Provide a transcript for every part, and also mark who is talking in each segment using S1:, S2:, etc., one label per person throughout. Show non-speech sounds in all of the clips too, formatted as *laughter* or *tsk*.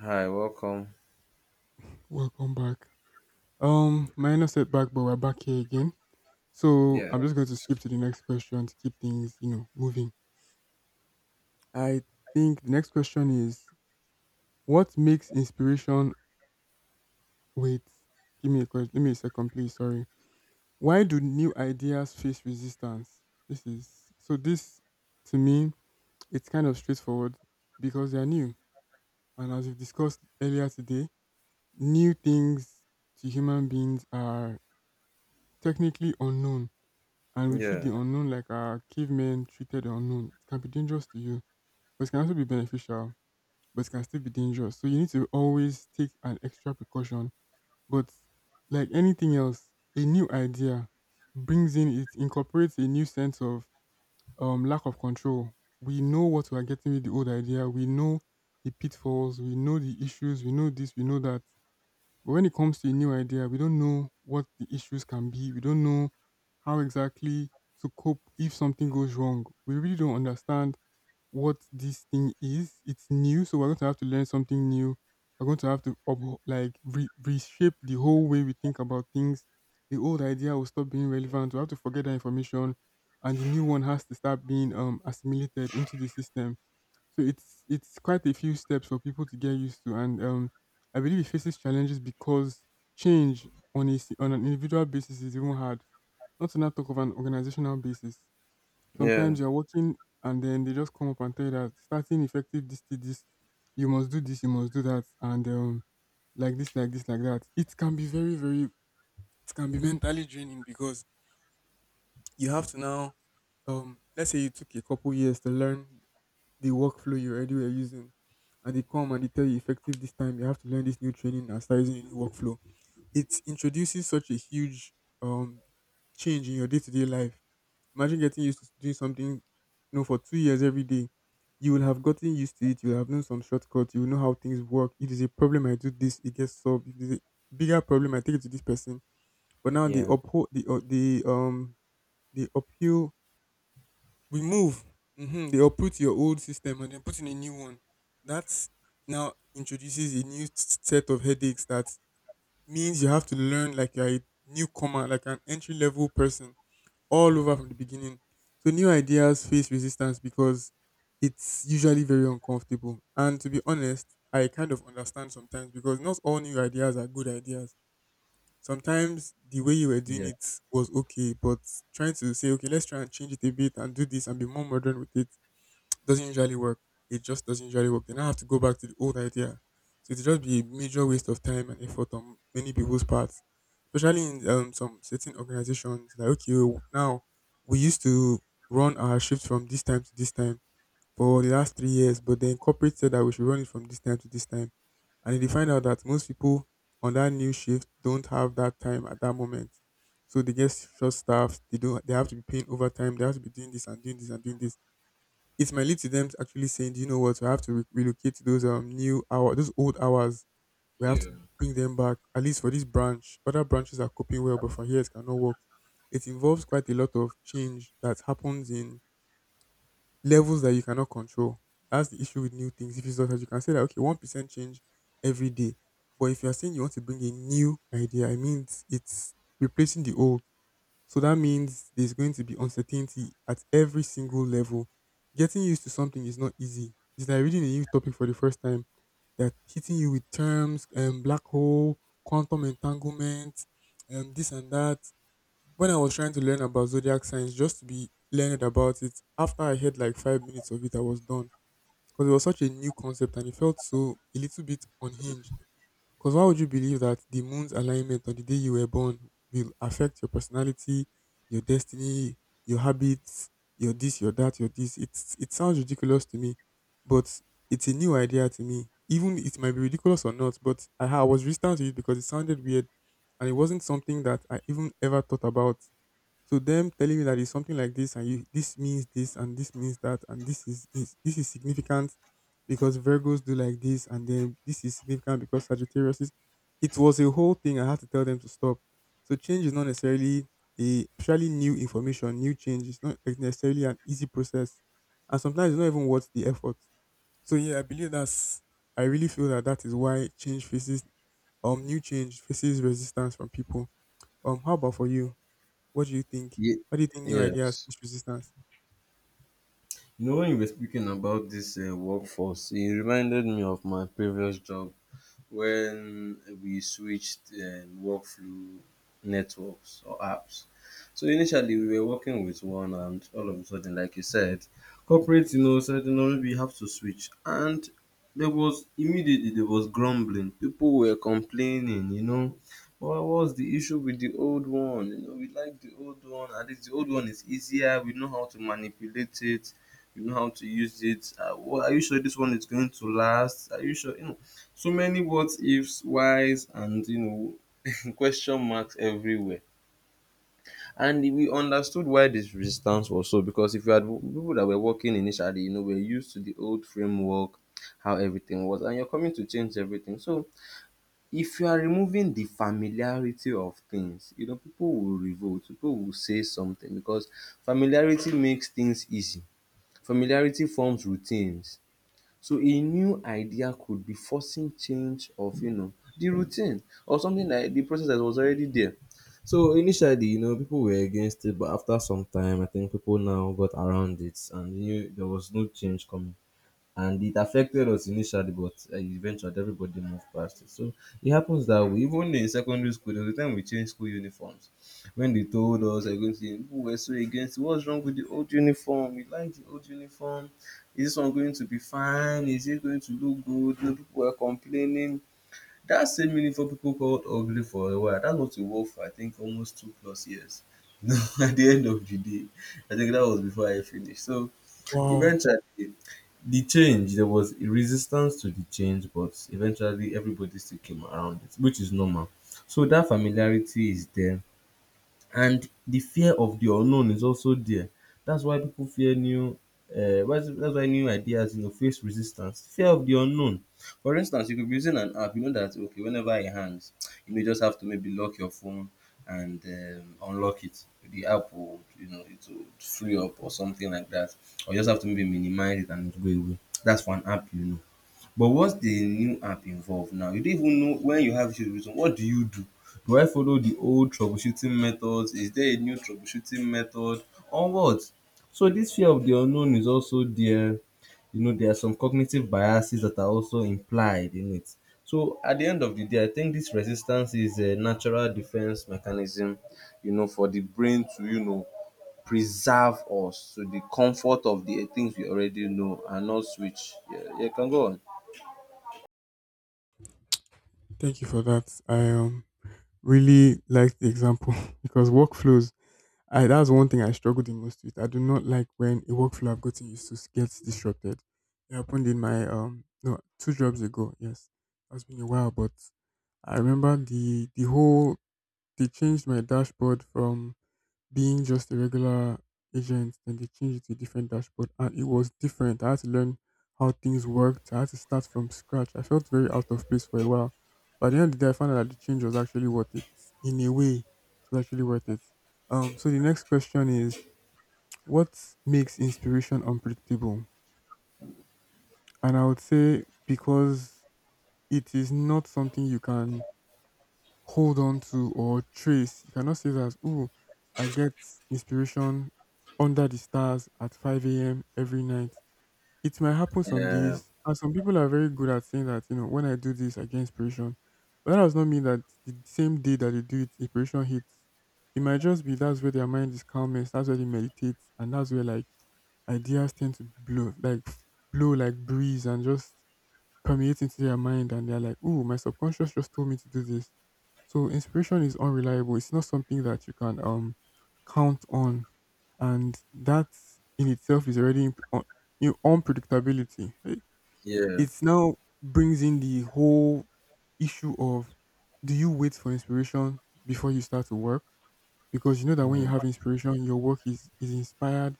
S1: Hi, welcome.
S2: Welcome back. Minor setback, but we're back here again. So
S1: Yeah.
S2: I'm just going to skip to the next question to keep things, you know, moving. I think the next question is, what makes inspiration wait? Give me a question. Give me a second, please. Sorry. Why do new ideas face resistance? This is so this to me, it's kind of straightforward because they are new. And as we've discussed earlier today, new things to human beings are technically unknown, and we treat the
S1: Yeah,
S2: unknown like our cavemen treated the unknown. It can be dangerous to you, but it can also be beneficial, but it can still be dangerous. So you need to always take an extra precaution. But like anything else, a new idea brings in, it incorporates a new sense of lack of control. We know what we are getting with the old idea. We know the pitfalls. We know the issues. We know this. We know that. But when it comes to a new idea, we don't know what the issues can be. We don't know how exactly to cope if something goes wrong. We really don't understand what this thing is. It's new, so we're going to have to learn something new. We're going to have to up, like reshape the whole way we think about things. The old idea will stop being relevant. We have to forget that information, and the new one has to start being assimilated into the system. So it's quite a few steps for people to get used to, and I believe it faces challenges because change on on an individual basis is even hard. Not to not talk of an organizational basis.
S1: yeah,
S2: Sometimes you're working, and then they just come up and tell you that starting effective this to this, you must do this, you must do that, and like this, like this, like that. It can be very, very, it can be mentally draining because you have to now, let's say you took a couple years to learn the workflow you already were using. And they come and they tell you effective this time you have to learn this new training and start using a new workflow. It introduces such a huge um change in your day to day life. Imagine getting used to doing something you know for 2 years every day. You will have gotten used to it, you'll have known some shortcuts, you will know how things work. If there's a problem I do this, it gets solved. If there's a bigger problem, I take it to this person. But now they
S1: Yeah.
S2: uphold the they uphill remove. They uproot your old system and then put in a new one. That now introduces a set of headaches that means you have to learn like you're a newcomer, like an entry level person, all over from the beginning. So new ideas face resistance because it's usually very uncomfortable. And to be honest, I kind of understand sometimes because not all new ideas are good ideas. Sometimes the way you were doing
S1: yeah,
S2: it was okay, but trying to say, okay, let's try and change it a bit and do this and be more modern with it doesn't usually work. It just doesn't usually work. Then I have to go back to the old idea. So it'll just be a major waste of time and effort on many people's parts, especially in some certain organizations. Like, okay, now we used to run our shifts from this time to this time for the last 3 years, but the corporate said that we should run it from this time to this time. And then they find out that most people on that new shift don't have that time at that moment. So they get short staffed. They don't. They have to be paying overtime. They have to be doing this and doing this and doing this. It might lead to them actually saying, "Do you know what? We have to relocate to those new hour, those old hours. We have to
S1: Yeah.
S2: bring them back at least for this branch. Other branches are coping well, but for here it cannot work." It involves quite a lot of change that happens in levels that you cannot control. That's the issue with new things. If it's not, as you can say that okay, 1% change every day, but if you are saying you want to bring a new idea, I mean it's replacing the old, so that means there's going to be uncertainty at every single level. Getting used to something is not easy. It's like reading a new topic for the first time. They're hitting you with terms, black hole, quantum entanglement, this and that. When I was trying to learn about zodiac signs, just to be learned about it, after I had like 5 minutes of it, I was done because it was such a new concept and it felt so a little bit unhinged. Because why would you believe that the moon's alignment on the day you were born will affect your personality, your destiny, your habits, your this, your that, your this? It's it sounds ridiculous to me, but it's a new idea to me. Even it might be ridiculous or not, but I was resistant to it because it sounded weird, and it wasn't something that I even ever thought about. So them telling you that it's something like this and you this means this and this means that and this is this is significant because Virgos do like this and then this is significant because Sagittarius is, it was a whole thing I had to tell them to stop. So change is not necessarily a surely new information, new change. It's not necessarily an easy process. And sometimes it's not even worth the effort. So yeah, I really feel that that is why change faces new change faces resistance from people. How about for you? What do you think?
S1: Ye-
S2: Why do you think new ideas
S1: yes.
S2: push resistance?
S1: You know, when you were speaking about this workforce, it reminded me of my previous job when we switched workflow networks or apps. So initially we were working with one and all of a sudden, like you said, corporate, you know, said, you know, maybe you have to switch and there was grumbling. People were complaining, you know. What was the issue with the old one? You know, we like the old one. At least the old one is easier. We know how to manipulate it. We know how to use it. Are you sure this one is going to last? Are you sure? You know, so many what ifs, whys, and you know, *laughs* question marks everywhere. And we understood why this resistance was so, because if you had people that were working initially, you know, were used to the old framework, how everything was, and you're coming to change everything. So if you are removing the familiarity of things, you know, people will revolt, people will say something because familiarity makes things easy. Familiarity forms routines. So a new idea could be forcing change of, you know, the routine or something like the process that was already there. So initially, you know, people were against it, but after some time, I think people now got around it, and knew there was no change coming and it affected us initially, but eventually everybody moved past it. So it happens that way. Even in secondary school, there was a time we changed school uniforms. When they told us they're going to say, people were so against it. What's wrong with the old uniform? We like the old uniform. Is this one going to be fine? Is it going to look good? No, people were complaining. That same uniform people called ugly for a while. That's what we wore for I think almost two plus years. *laughs* No, at the end of the day, I think that was before I finished. So
S2: Wow.
S1: eventually, the change, there was resistance to the change, but eventually everybody still came around it, which is normal. So that familiarity is there. And the fear of the unknown is also there. That's why people fear new that's why new ideas, you know, face resistance. Fear of the unknown. For instance, you could be using an app, you know, that okay, whenever it hangs, you may just have to maybe lock your phone and unlock it. The app will, you know, it will free up or something like that. Or you just have to maybe minimize it and it will go away. That's for an app, you know. But once the new app involve now, you don't even know when you have issues with something, what do you do? Do I follow the old troubleshooting methods? Is there a new troubleshooting method? Or what? So this fear of the unknown is also there. You know, there are some cognitive biases that are also implied in it. So at the end of the day, I think this resistance is a natural defense mechanism, you know, for the brain to, you know, preserve us to the comfort of the things we already know and not switch. Yeah, yeah, can go on.
S2: Thank you for that. I really like the example *laughs* because workflows, I that's one thing I struggle the most with. I do not like when a workflow I've gotten used to gets disrupted. It happened in my no, two jobs ago, yes. That's been a while, but I remember the whole, they changed my dashboard from being just a regular agent. Then they changed it to a different dashboard, and it was different. I had to learn how things worked. I had to start from scratch. I felt very out of place for a while. But at the end of the day, I found out that the change was actually worth it. In a way, it was actually worth it. So the next question is, what makes inspiration unpredictable? And I would say because it is not something you can hold on to or trace. You cannot say that, oh, I get inspiration under the stars at 5 a.m. every night. It might happen some
S1: Yeah,
S2: days. And some people are very good at saying that, you know, when I do this, I get inspiration. But that does not mean that the same day that they do it, inspiration hits. It might just be that's where their mind is calmest, that's where they meditate, and that's where like ideas tend to blow, like blow like breeze and just permeate into their mind and they're like, "Ooh, my subconscious just told me to do this." So inspiration is unreliable. It's not something that you can count on. And that in itself is already you know, unpredictability. It
S1: yeah,
S2: it's now brings in the whole issue of, do you wait for inspiration before you start to work? Because you know that when you
S1: mm,
S2: have inspiration, your work is inspired,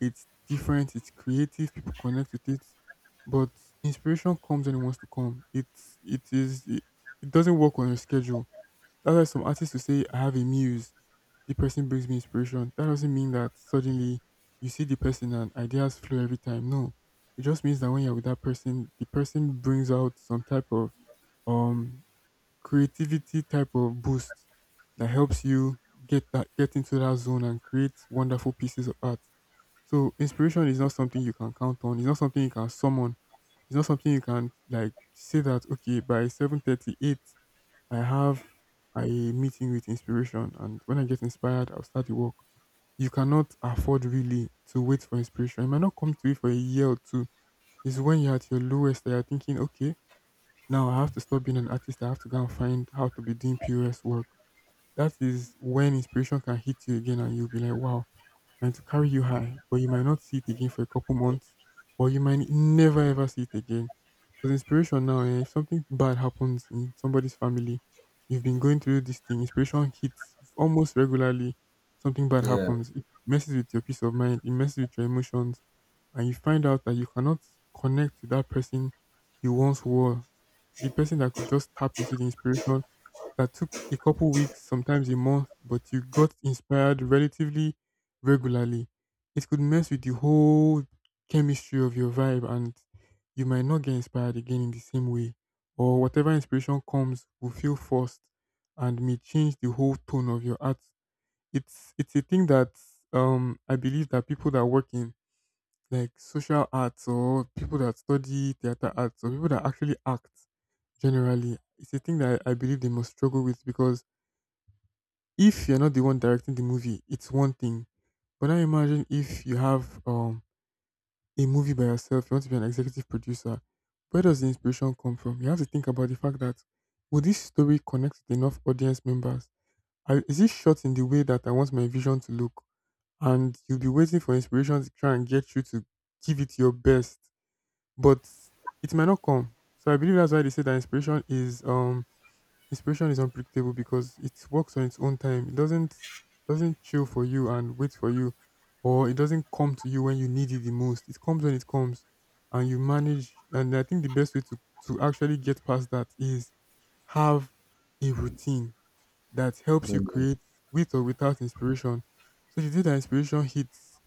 S2: it's different, it's creative, people connect with it. But inspiration comes when it wants to come. It's it is it, it doesn't work on your schedule. That's why some artists will say, I have a muse, the person brings me inspiration. That doesn't mean that suddenly you see the person and ideas flow every time. No. It just means that when you're with that person, the person brings out some type of um creativity type of boost that helps you get into that zone and create wonderful pieces of art. So inspiration is not something you can count on. It's not something you can summon. It's not something you can like say that okay, by 7:38 I have a meeting with inspiration and when I get inspired I'll start the work. You cannot afford really to wait for inspiration. It might not come to you for a year or two. It's when you're at your lowest that you're thinking, okay, now I have to stop being an artist. I have to go and find how to be doing POS work. That is when inspiration can hit you again and you'll be like, wow, and to carry you high. But you might not see it again for a couple months or you might never ever see it again. Because inspiration now, if something bad happens in somebody's family, you've been going through this thing, inspiration hits almost regularly. Something bad
S1: yeah.
S2: happens. It messes with your peace of mind. It messes with your emotions. And you find out that you cannot connect to that person you once were, the person that could just tap into the inspiration that took a couple weeks, sometimes a month, but you got inspired relatively regularly. It could mess with the whole chemistry of your vibe, and you might not get inspired again in the same way, or whatever inspiration comes will feel forced and may change the whole tone of your art. It's a thing that I believe that people that work in like social arts or people that study theater arts or people that actually act generally, it's a thing that I believe they must struggle with, because if you're not the one directing the movie, it's one thing, but now imagine if you have a movie by yourself, you want to be an executive producer. Where does the inspiration come from? You have to think about the fact that will this story connect with enough audience members? Is it shot in the way that I want my vision to look, and you'll be waiting for inspiration to try and get you to give it your best, but it might not come. So I believe that's why they say that inspiration is Inspiration is unpredictable because it works on its own time. It doesn't chill for you and wait for you, or it doesn't come to you when you need it the most. It comes when it comes, and you manage. And I think the best way to actually get past that is have a routine that helps you
S1: Mm.
S2: create with or without inspiration. So the day that inspiration hits,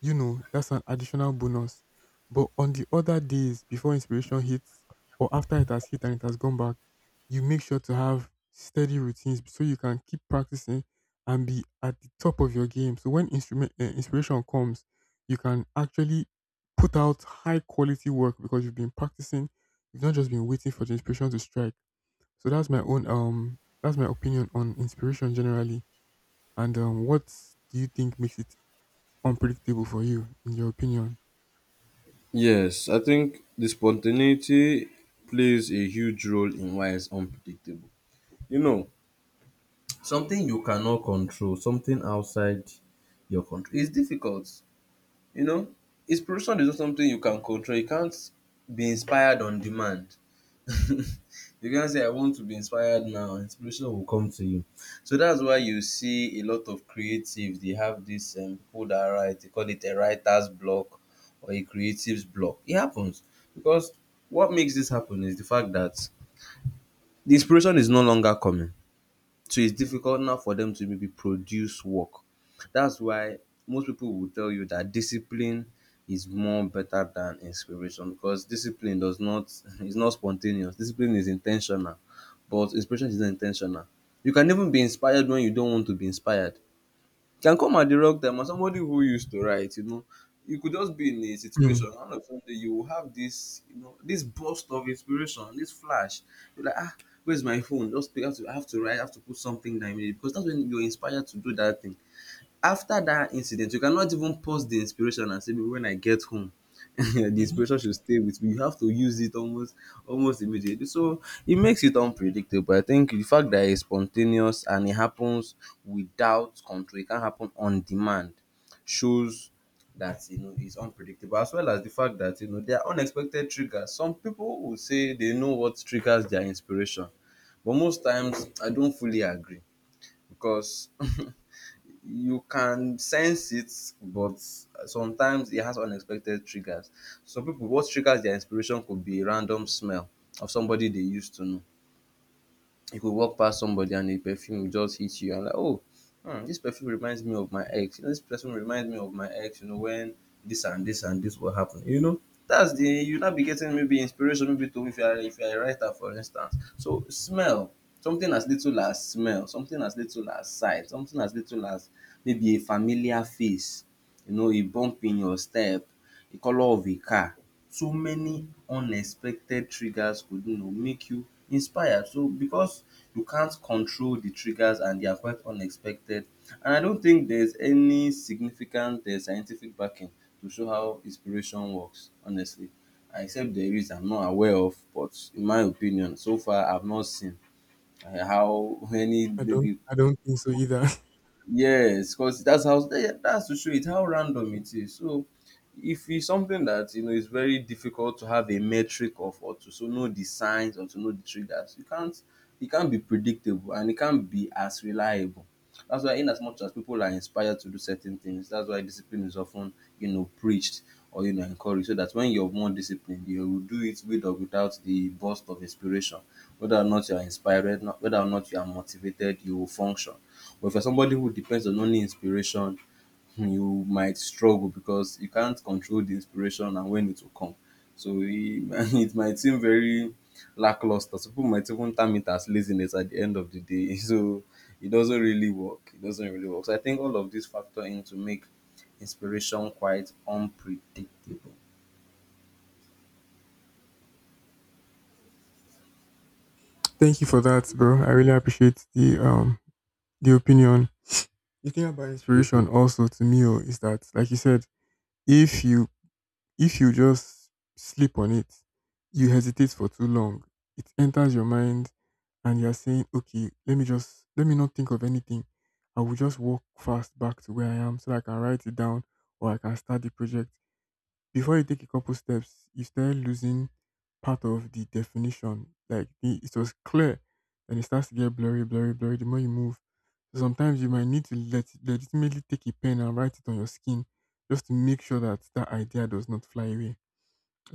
S2: you know, that's an additional bonus. But on the other days, before inspiration hits or after it has hit and it has gone back, you make sure to have steady routines so you can keep practicing and be at the top of your game. So when instrument inspiration comes, you can actually put out high quality work because you've been practicing. You've not just been waiting for the inspiration to strike. So that's my own that's my opinion on inspiration generally. And what do you think makes it unpredictable for you, in your opinion?
S1: Yes, I think the spontaneity plays a huge role in why it's unpredictable. You know, something you cannot control, something outside your control, it's difficult. You know, inspiration is not something you can control. You can't be inspired on demand. *laughs* You can't say I want to be inspired now. Inspiration will come to you. So that's why you see a lot of creatives. They have this people that write. They call it a writer's block or a creative's block. It happens because what makes this happen is the fact that the inspiration is no longer coming. So it's difficult now for them to maybe produce work. That's why most people will tell you that discipline is more better than inspiration because discipline does not *laughs* is not spontaneous. Discipline is intentional, but inspiration is not intentional. You can even be inspired when you don't want to be inspired. It can come at the wrong time. As somebody who used to write, you know, you could just be in a
S2: Hmm.
S1: situation, and of sudden you will have this, you know, this burst of inspiration, this flash. You're like, ah, where's my phone? Just pick, up. To, I have to write, I have to put something down immediately because that's when you're inspired to do that thing. After dat incident you cannot even pause the inspiration and say, "Maybe when I get home, *laughs* the
S2: Hmm.
S1: inspiration should stay with me." You have to use it almost immediately. So it makes it unpredictable. I think the fact that it's spontaneous and it happens without control, it can happen on demand shows that, you know, it's unpredictable as well as the fact that, you know, there are unexpected triggers. Some people will say they know what triggers their inspiration but most times I don't fully agree because *laughs* you can sense it but sometimes it has unexpected triggers. Some people, what triggers their inspiration could be random smell of somebody they used to know. If you could walk pass somebody and the perfume will just hit you and like, "Oh, dis perfume reminds me of my ex, you know, dis perfume reminds me of my ex, you know, when dis and dis and dis will happen," you know, dats the you now be getting maybe inspiration maybe to if you are, if you are a writer for instance. So smell, something as little as sight, something as little as maybe a familiar face, you know, a bump in your step, the colour of a car, so many unexpected triggers could, you know, make you inspired so because you can't control the triggers and they are quite unexpected and I don't think there's any significant scientific backing to show how inspiration works honestly, except there is, I'm not aware of, but in my opinion so far I've not seen how *laughs* any
S2: I don't.
S1: maybe.
S2: I don't think so either.
S1: Yes, because that's how, yeah, that's to show it how random it is. So if it's something that you know is very difficult to have a metric of or to so know the
S2: *laughs*
S1: signs or to know the triggers, you can't, it can't be predictable and it can't be as reliable. That's why in as much as people are inspired to do certain things, that's why discipline is often, you know, preached or, you know, encouraged. So that when you're more disciplined, you will do it with or without the burst of inspiration. Whether or not you are inspired, whether or not you are motivated, you will function. But if you're somebody who depends on only inspiration, hmm, you might struggle because you can't control the inspiration and when it will come. So it, *laughs* it might seem very lackluster. Some people might even term it as laziness at the end of the day. *laughs* So it doesn't really work. It doesn't really work. So I think all of these factor in to make inspiration quite unpredictable.
S2: Thank you for that, bro. I really appreciate the opinion. The thing about inspiration also to me oh, is that, like you said, if you if you just sleep on it, you hesitate for too long, it enters your mind, and you are saying, okay, let me not think of anything. I will just walk fast back to where I am so that I can write it down or I can start the project. Before you take a couple steps, you start losing part of the definition. Like the, it was clear, and it starts to get blurry, blurry, blurry. The more you move, so sometimes you might need to let legitimately take a pen and write it on your skin, just to make sure that that idea does not fly away.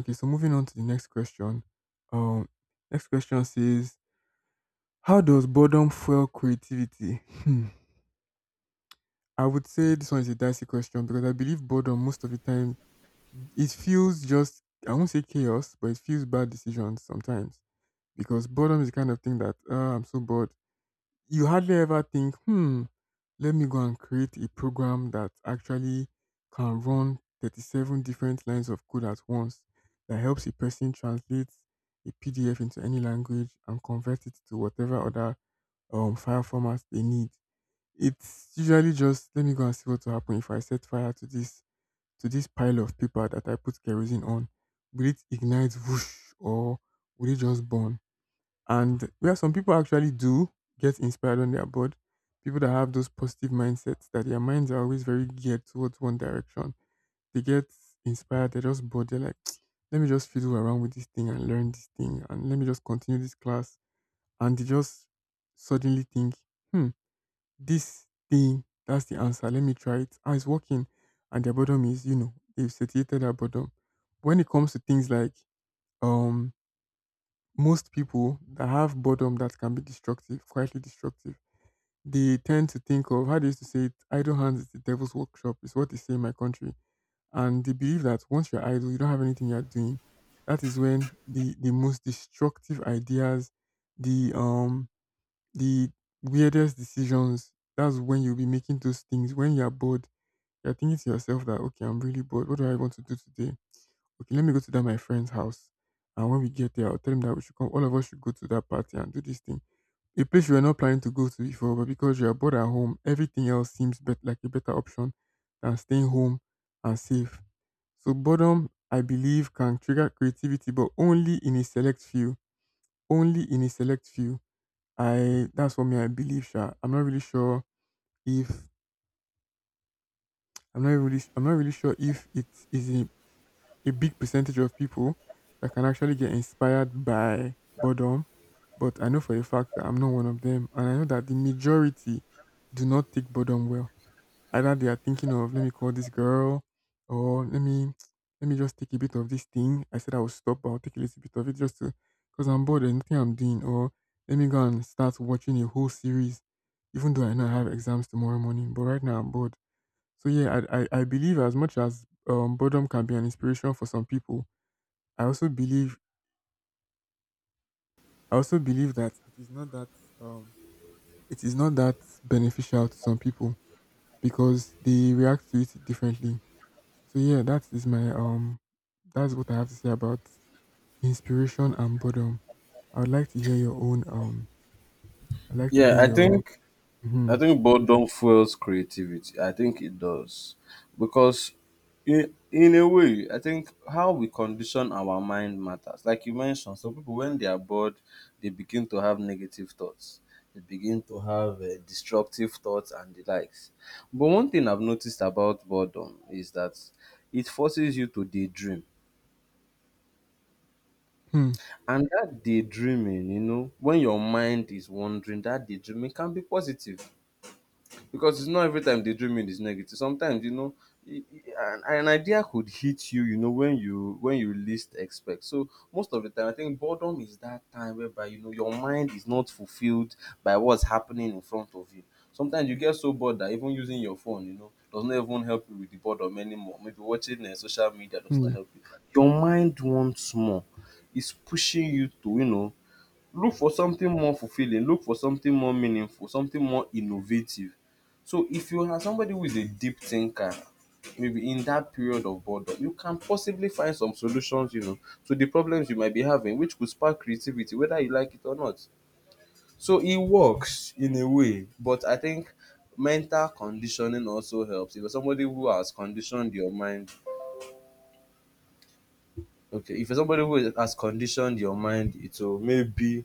S2: Okay, so moving on to the next question. Um, next question says, "How does boredom fuel creativity?" Hmm. I would say this one is a dicey question because I believe boredom most of the time it feels just, I won't say chaos, but it feels bad decisions sometimes because boredom is the kind of thing that I'm so bored. You hardly ever think, hmm, let me go and create a program that actually can run 37 different lines of code at once that helps a person translate a PDF into any language and convert it to whatever other file formats they need. It's usually just let me go and see what will happen if I set fire to this pile of paper that I put kerosene on? Will it ignite whoosh or will it just burn? And where some people actually do get inspired on their board, people that have those positive mindsets, that their minds are always very geared towards one direction, they get inspired, they're just bored, they're like, *tsk* let me just fiddle around with this thing and learn this thing and let me just continue this class. And they just suddenly think, hmm, this thing, that's the answer. Let me try it. Ah, it's working. And their boredom is, you know, they've satiated their boredom. When it comes to things like um most people that have boredom that can be destructive, quietly destructive, they tend to think of how they used to say it, idle hands is the devil's workshop, is what they say in my country. And they believe that once you're idle, you don't have anything you're doing. That is when the most destructive ideas, the um the weirdest decisions. That's when you'll be making those things. When you're bored, you're thinking to yourself that, okay, I'm really bored. What do I want to do today? Okay, let me go to that my friend's house. And when we get there, I'll tell him that we should come. All of us should go to that party and do this thing. A place you were not planning to go to before, but because you are bored at home, everything else seems like a better option than staying home and safe. So boredom, I believe, can trigger creativity, but only in a select few. Only in a select few. I that's what me I believe. Sha. I'm not really sure if I'm not really sure if it is a big percentage of people that can actually get inspired by boredom, but I know for a fact that I'm not one of them, and I know that the majority do not take boredom well. Either they are thinking of let me call this girl or let me just take a bit of this thing. I said I will stop, but I'll take a little bit of it just to, because I'm bored and nothing I'm doing. Or let me go and start watching a whole series, even though I know I have exams tomorrow morning. But right now I'm bored. So yeah, I believe as much as boredom can be an inspiration for some people, I also believe I also believe that it is not that um it is not that beneficial to some people because they react to it differently. So yeah, that is my that's what I have to say about inspiration and boredom. I would like to hear your own um I'd like to
S1: Yeah,
S2: hear your Hmm.
S1: I think boredom fuels creativity. I think it does. Because in a way, I think how we condition our mind matters. Like you mentioned, some people, when they are bored, they begin to have negative thoughts. They begin to have destructive thoughts and the likes. But one thing I've noticed about boredom is that it forces you to daydream.
S2: Hmm.
S1: And that daydreaming, you know, when your mind is wandering, that daydreaming can be positive because it's not every time the dreaming is negative. Sometimes you know an idea could hit you, you know, when you least expect. So most of the time, I think boredom is that time whereby, you know, your mind is not fulfilled by what's happening in front of you. Sometimes you get so bored that even using your phone, you know, does not even help you with the boredom anymore. Maybe watching social media does not
S2: Hmm.
S1: help you. Your mind wants more. It's pushing you to, you know, look for something more fulfilling, look for something more meaningful, something more innovative. So if you are somebody who is a deep thinker, maybe in that period of boredom, you can possibly find some solutions, you know, to the problems you might be having, which could spark creativity, whether you like it or not. So it works in a way, but I think mental conditioning also helps. If you're somebody who has conditioned your mind, okay, if you're somebody who has conditioned your mind, it will maybe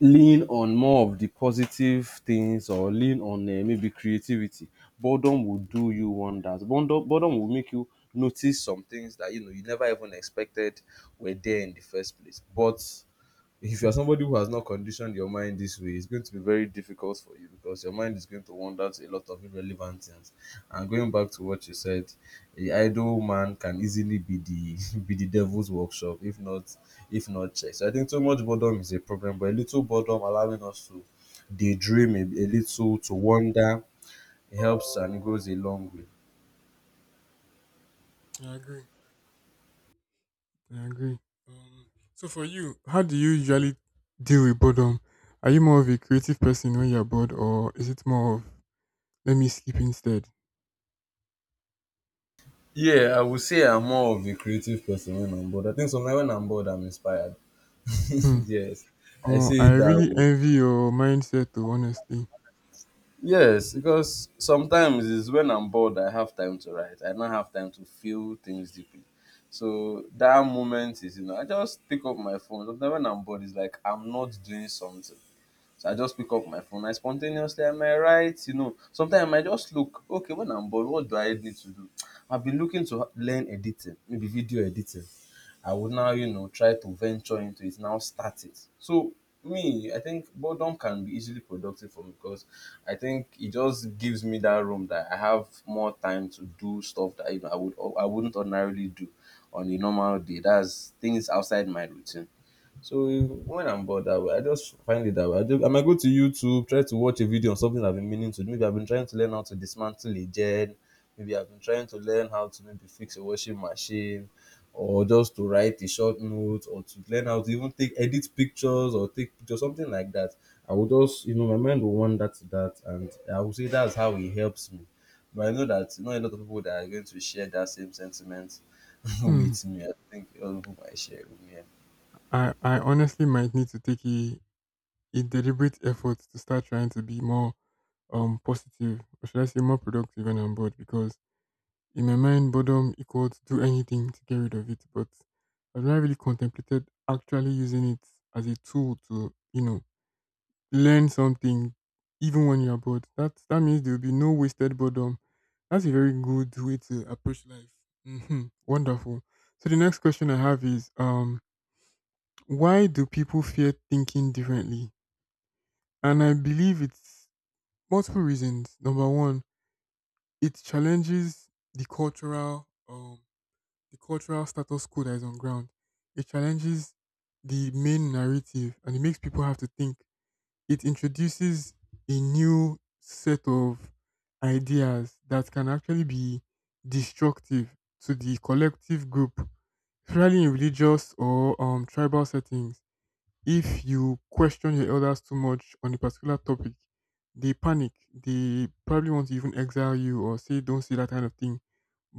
S1: lean on more of the positive things or lean on maybe creativity. Boredom will do you wonders. Boredom, boredom will make you notice some things that you never even expected were there in the first place. But if you're somebody who has not conditioned your mind this way, it's going to be very difficult for you because your mind is going to wander to a lot of irrelevant things. And going back to what you said, a idle man can easily be the *laughs* be the devil's workshop if not checked. So I think too much boredom is a problem, but a little boredom allowing us to daydream a little to wander helps and goes a long way.
S2: I agree. I agree. Um, so for you, how do you usually deal with boredom? Are you more of a creative person when you're bored or is it more of let me sleep instead?
S1: Yeah, I would say I'm more of a creative person when I'm bored. I think sometimes when I'm bored, I'm inspired. *laughs*
S2: Hmm.
S1: Yes, I
S2: Oh,
S1: see
S2: I
S1: it that
S2: really
S1: way.
S2: envy your mindset though, honestly.
S1: Yes, because sometimes it's when I'm bored I have time to write. I don't have time to feel things deeply. So that moment is, I just pick up my phone. Sometimes when I'm bored, it's like I'm not doing something. So I just pick up my phone. I spontaneously I might write, Sometimes I might just look, okay, when I'm bored, what do I need to do? I've been looking to learn editing, maybe video editing. I would now, try to venture into it, now start it. So me, I think boredom can be easily productive for me because I think it just gives me that room that I have more time to do stuff that I would I wouldn't ordinarily do on a normal day. That's things outside my routine. So when I'm bored that way, I just find it that way. I might go to YouTube, try to watch a video on something I've been meaning to do. Maybe I've been trying to learn how to dismantle a gen. Maybe I've been trying to learn how to maybe fix a washing machine or just to write a short note or to learn how to even take edit pictures or take pictures, something like that. I would just, my mind will wander to that and I would say that's how it helps me. But I know that not a lot of people that are going to share that same sentiment *laughs*
S2: Hmm.
S1: with me. I think a lot of people might share it with me.
S2: I honestly might need to take a deliberate effort to start trying to be more positive, or should I say more productive when I'm bored, because in my mind boredom equals do anything to get rid of it. But I've never really contemplated actually using it as a tool to, you know, learn something even when you're bored. That that means there'll be no wasted boredom. That's a very good way to approach life. Hmm. Wonderful. So the next question I have is why do people fear thinking differently? And I believe it's multiple reasons. Number one, it challenges the cultural status quo that is on ground. It challenges the main narrative and it makes people have to think. It introduces a new set of ideas that can actually be destructive to the collective group, especially in religious or tribal settings. If you question your elders too much on a particular topic, they panic. They probably want to even exile you or say, don't say that kind of thing.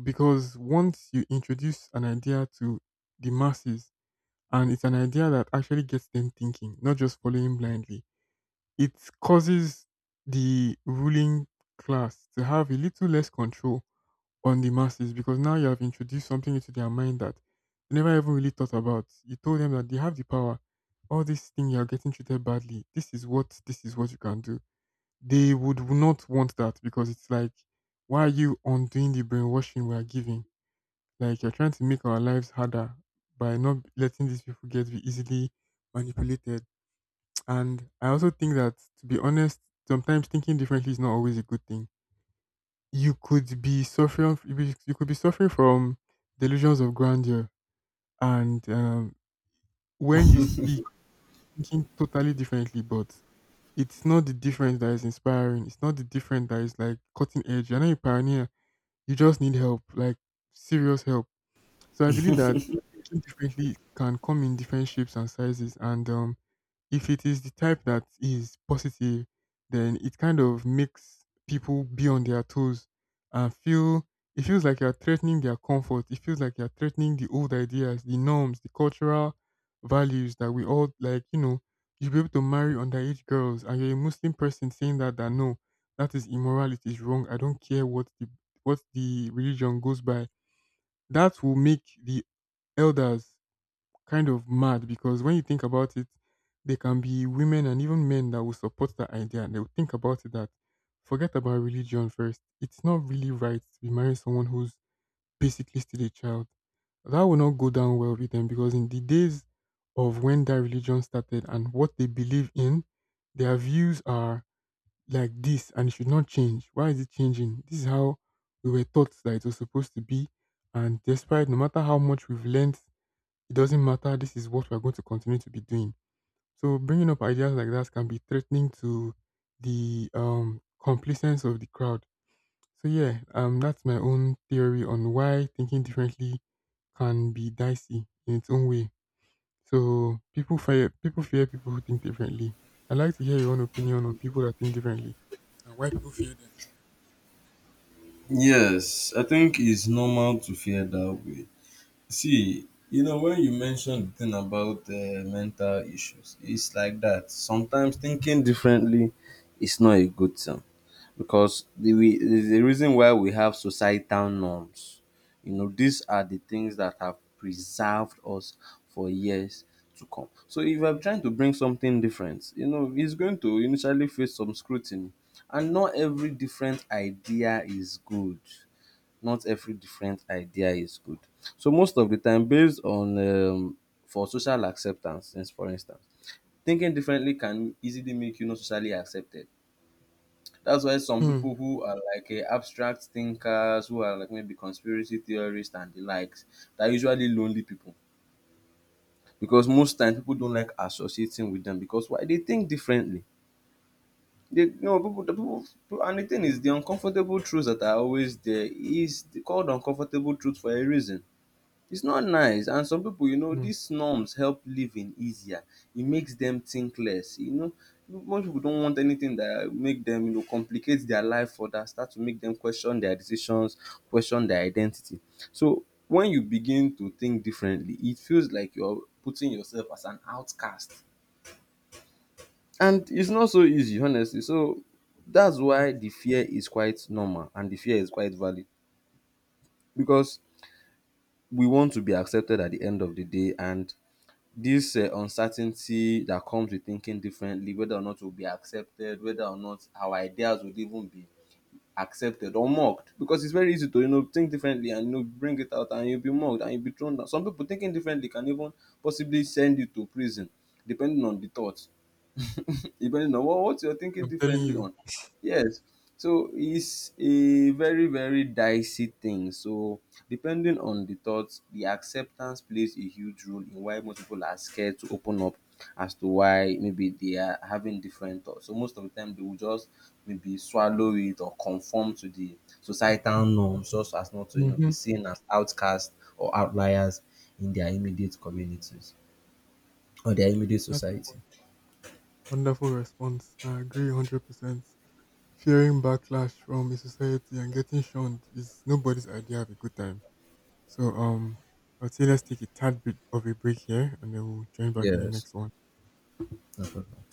S2: Because once you introduce an idea to the masses, and it's an idea that actually gets them thinking, not just following blindly, it causes the ruling class to have a little less control on the masses, because now you have introduced something into their mind that they never even really thought about. You told them that they have the power. All this thing you're getting treated badly. This is what you can do. They would not want that because it's like, why are you undoing the brainwashing we are giving? Like you're trying to make our lives harder by not letting these people get be easily manipulated. And I also think that, to be honest, sometimes thinking differently is not always a good thing. You could be suffering you could be suffering from delusions of grandeur and when you speak thinking totally differently, but it's not the difference that is inspiring, it's not the difference that is like cutting edge, you're not a pioneer, you just need help, like serious help. So I believe that thinking differently can come in different shapes and sizes, and if it is the type that is positive, then it kind of makes people be on their toes and feel, it feels like you're threatening their comfort. It feels like you're threatening the old ideas, the norms, the cultural values that we all like, you know, you'll be able to marry underage girls and you're a Muslim person saying that that no, that is immorality. It's wrong. I don't care what the religion goes by. That will make the elders kind of mad because when you think about it, there can be women and even men that will support that idea, and they will think about it that forget about religion first. It's not really right to be marrying someone who's basically still a child. That will not go down well with them because in the days of when that religion started and what they believe in, their views are like this and it should not change. Why is it changing? This is how we were taught that it was supposed to be. And despite no matter how much we've learned, it doesn't matter. This is what we're going to continue to be doing. So bringing up ideas like that can be threatening to the complacence of the crowd. So yeah, that's my own theory on why thinking differently can be dicey in its own way. So people fear people who think differently. I'd like to hear your own opinion on people that think differently and why people fear them.
S1: Yes, I think it's normal to feel that way. See, you know, when you mentioned the thing about mental issues, it's like that. Sometimes thinking differently is not a good thing because the we the reason why we have societal norms these are the things that have preserved us for years to come. So if I'm trying to bring something different, it's going to initially face some scrutiny, and not every different idea is good. Not every different idea is good. So most of the time based on for social acceptance, since for instance thinking differently can easily make you not socially accepted. That's why some
S2: Hmm.
S1: people who are like abstract thinkers, who are like maybe conspiracy theorists and the likes, they are usually lonely people because most times people don't like associating with them because why they think differently. They you know people, people and the thing is the uncomfortable truths that are always there is called uncomfortable truth for a reason. It's not nice and some people you know
S2: Hmm.
S1: these norms help living easier. It makes them think less, you know. Most people don't want anything that make them complicate their life further, start to make them question their decisions, question their identity. So when you begin to think differently it feels like you're putting yourself as an outcast, and it's not so easy honestly. So that's
S2: It's not.
S1: why the fear is quite normal and the fear is quite valid because we want to be accepted at the end of the day. And this uncertainty that comes with thinking differently, whether or not we'll be accepted, whether or not our ideas would even be accepted or mocked, because it's very easy to think differently and bring it out and you'll be mocked and you'll be thrown down. Some people thinking differently can even possibly send you to prison depending on the thought. Depending on what you're thinking
S2: I'm telling
S1: differently
S2: you.
S1: on. Yes. So it's a very, very dicey thing. So depending on the thoughts, the acceptance plays a huge role in why most people are scared to open up as to why maybe they are having different thoughts. So most of the time they will just maybe swallow it or conform to the societal norms just so as not to be
S2: Hmm.
S1: seen as outcasts or outliers in their immediate communities or their immediate
S2: That's
S1: society.
S2: a wonderful response. I agree 100%. Fearing backlash from a society and getting shunned is nobody's idea of a good time. So I'd say let's take a tad bit of a break here, and then we'll join back in the
S1: Yes.
S2: next one.
S1: No problem.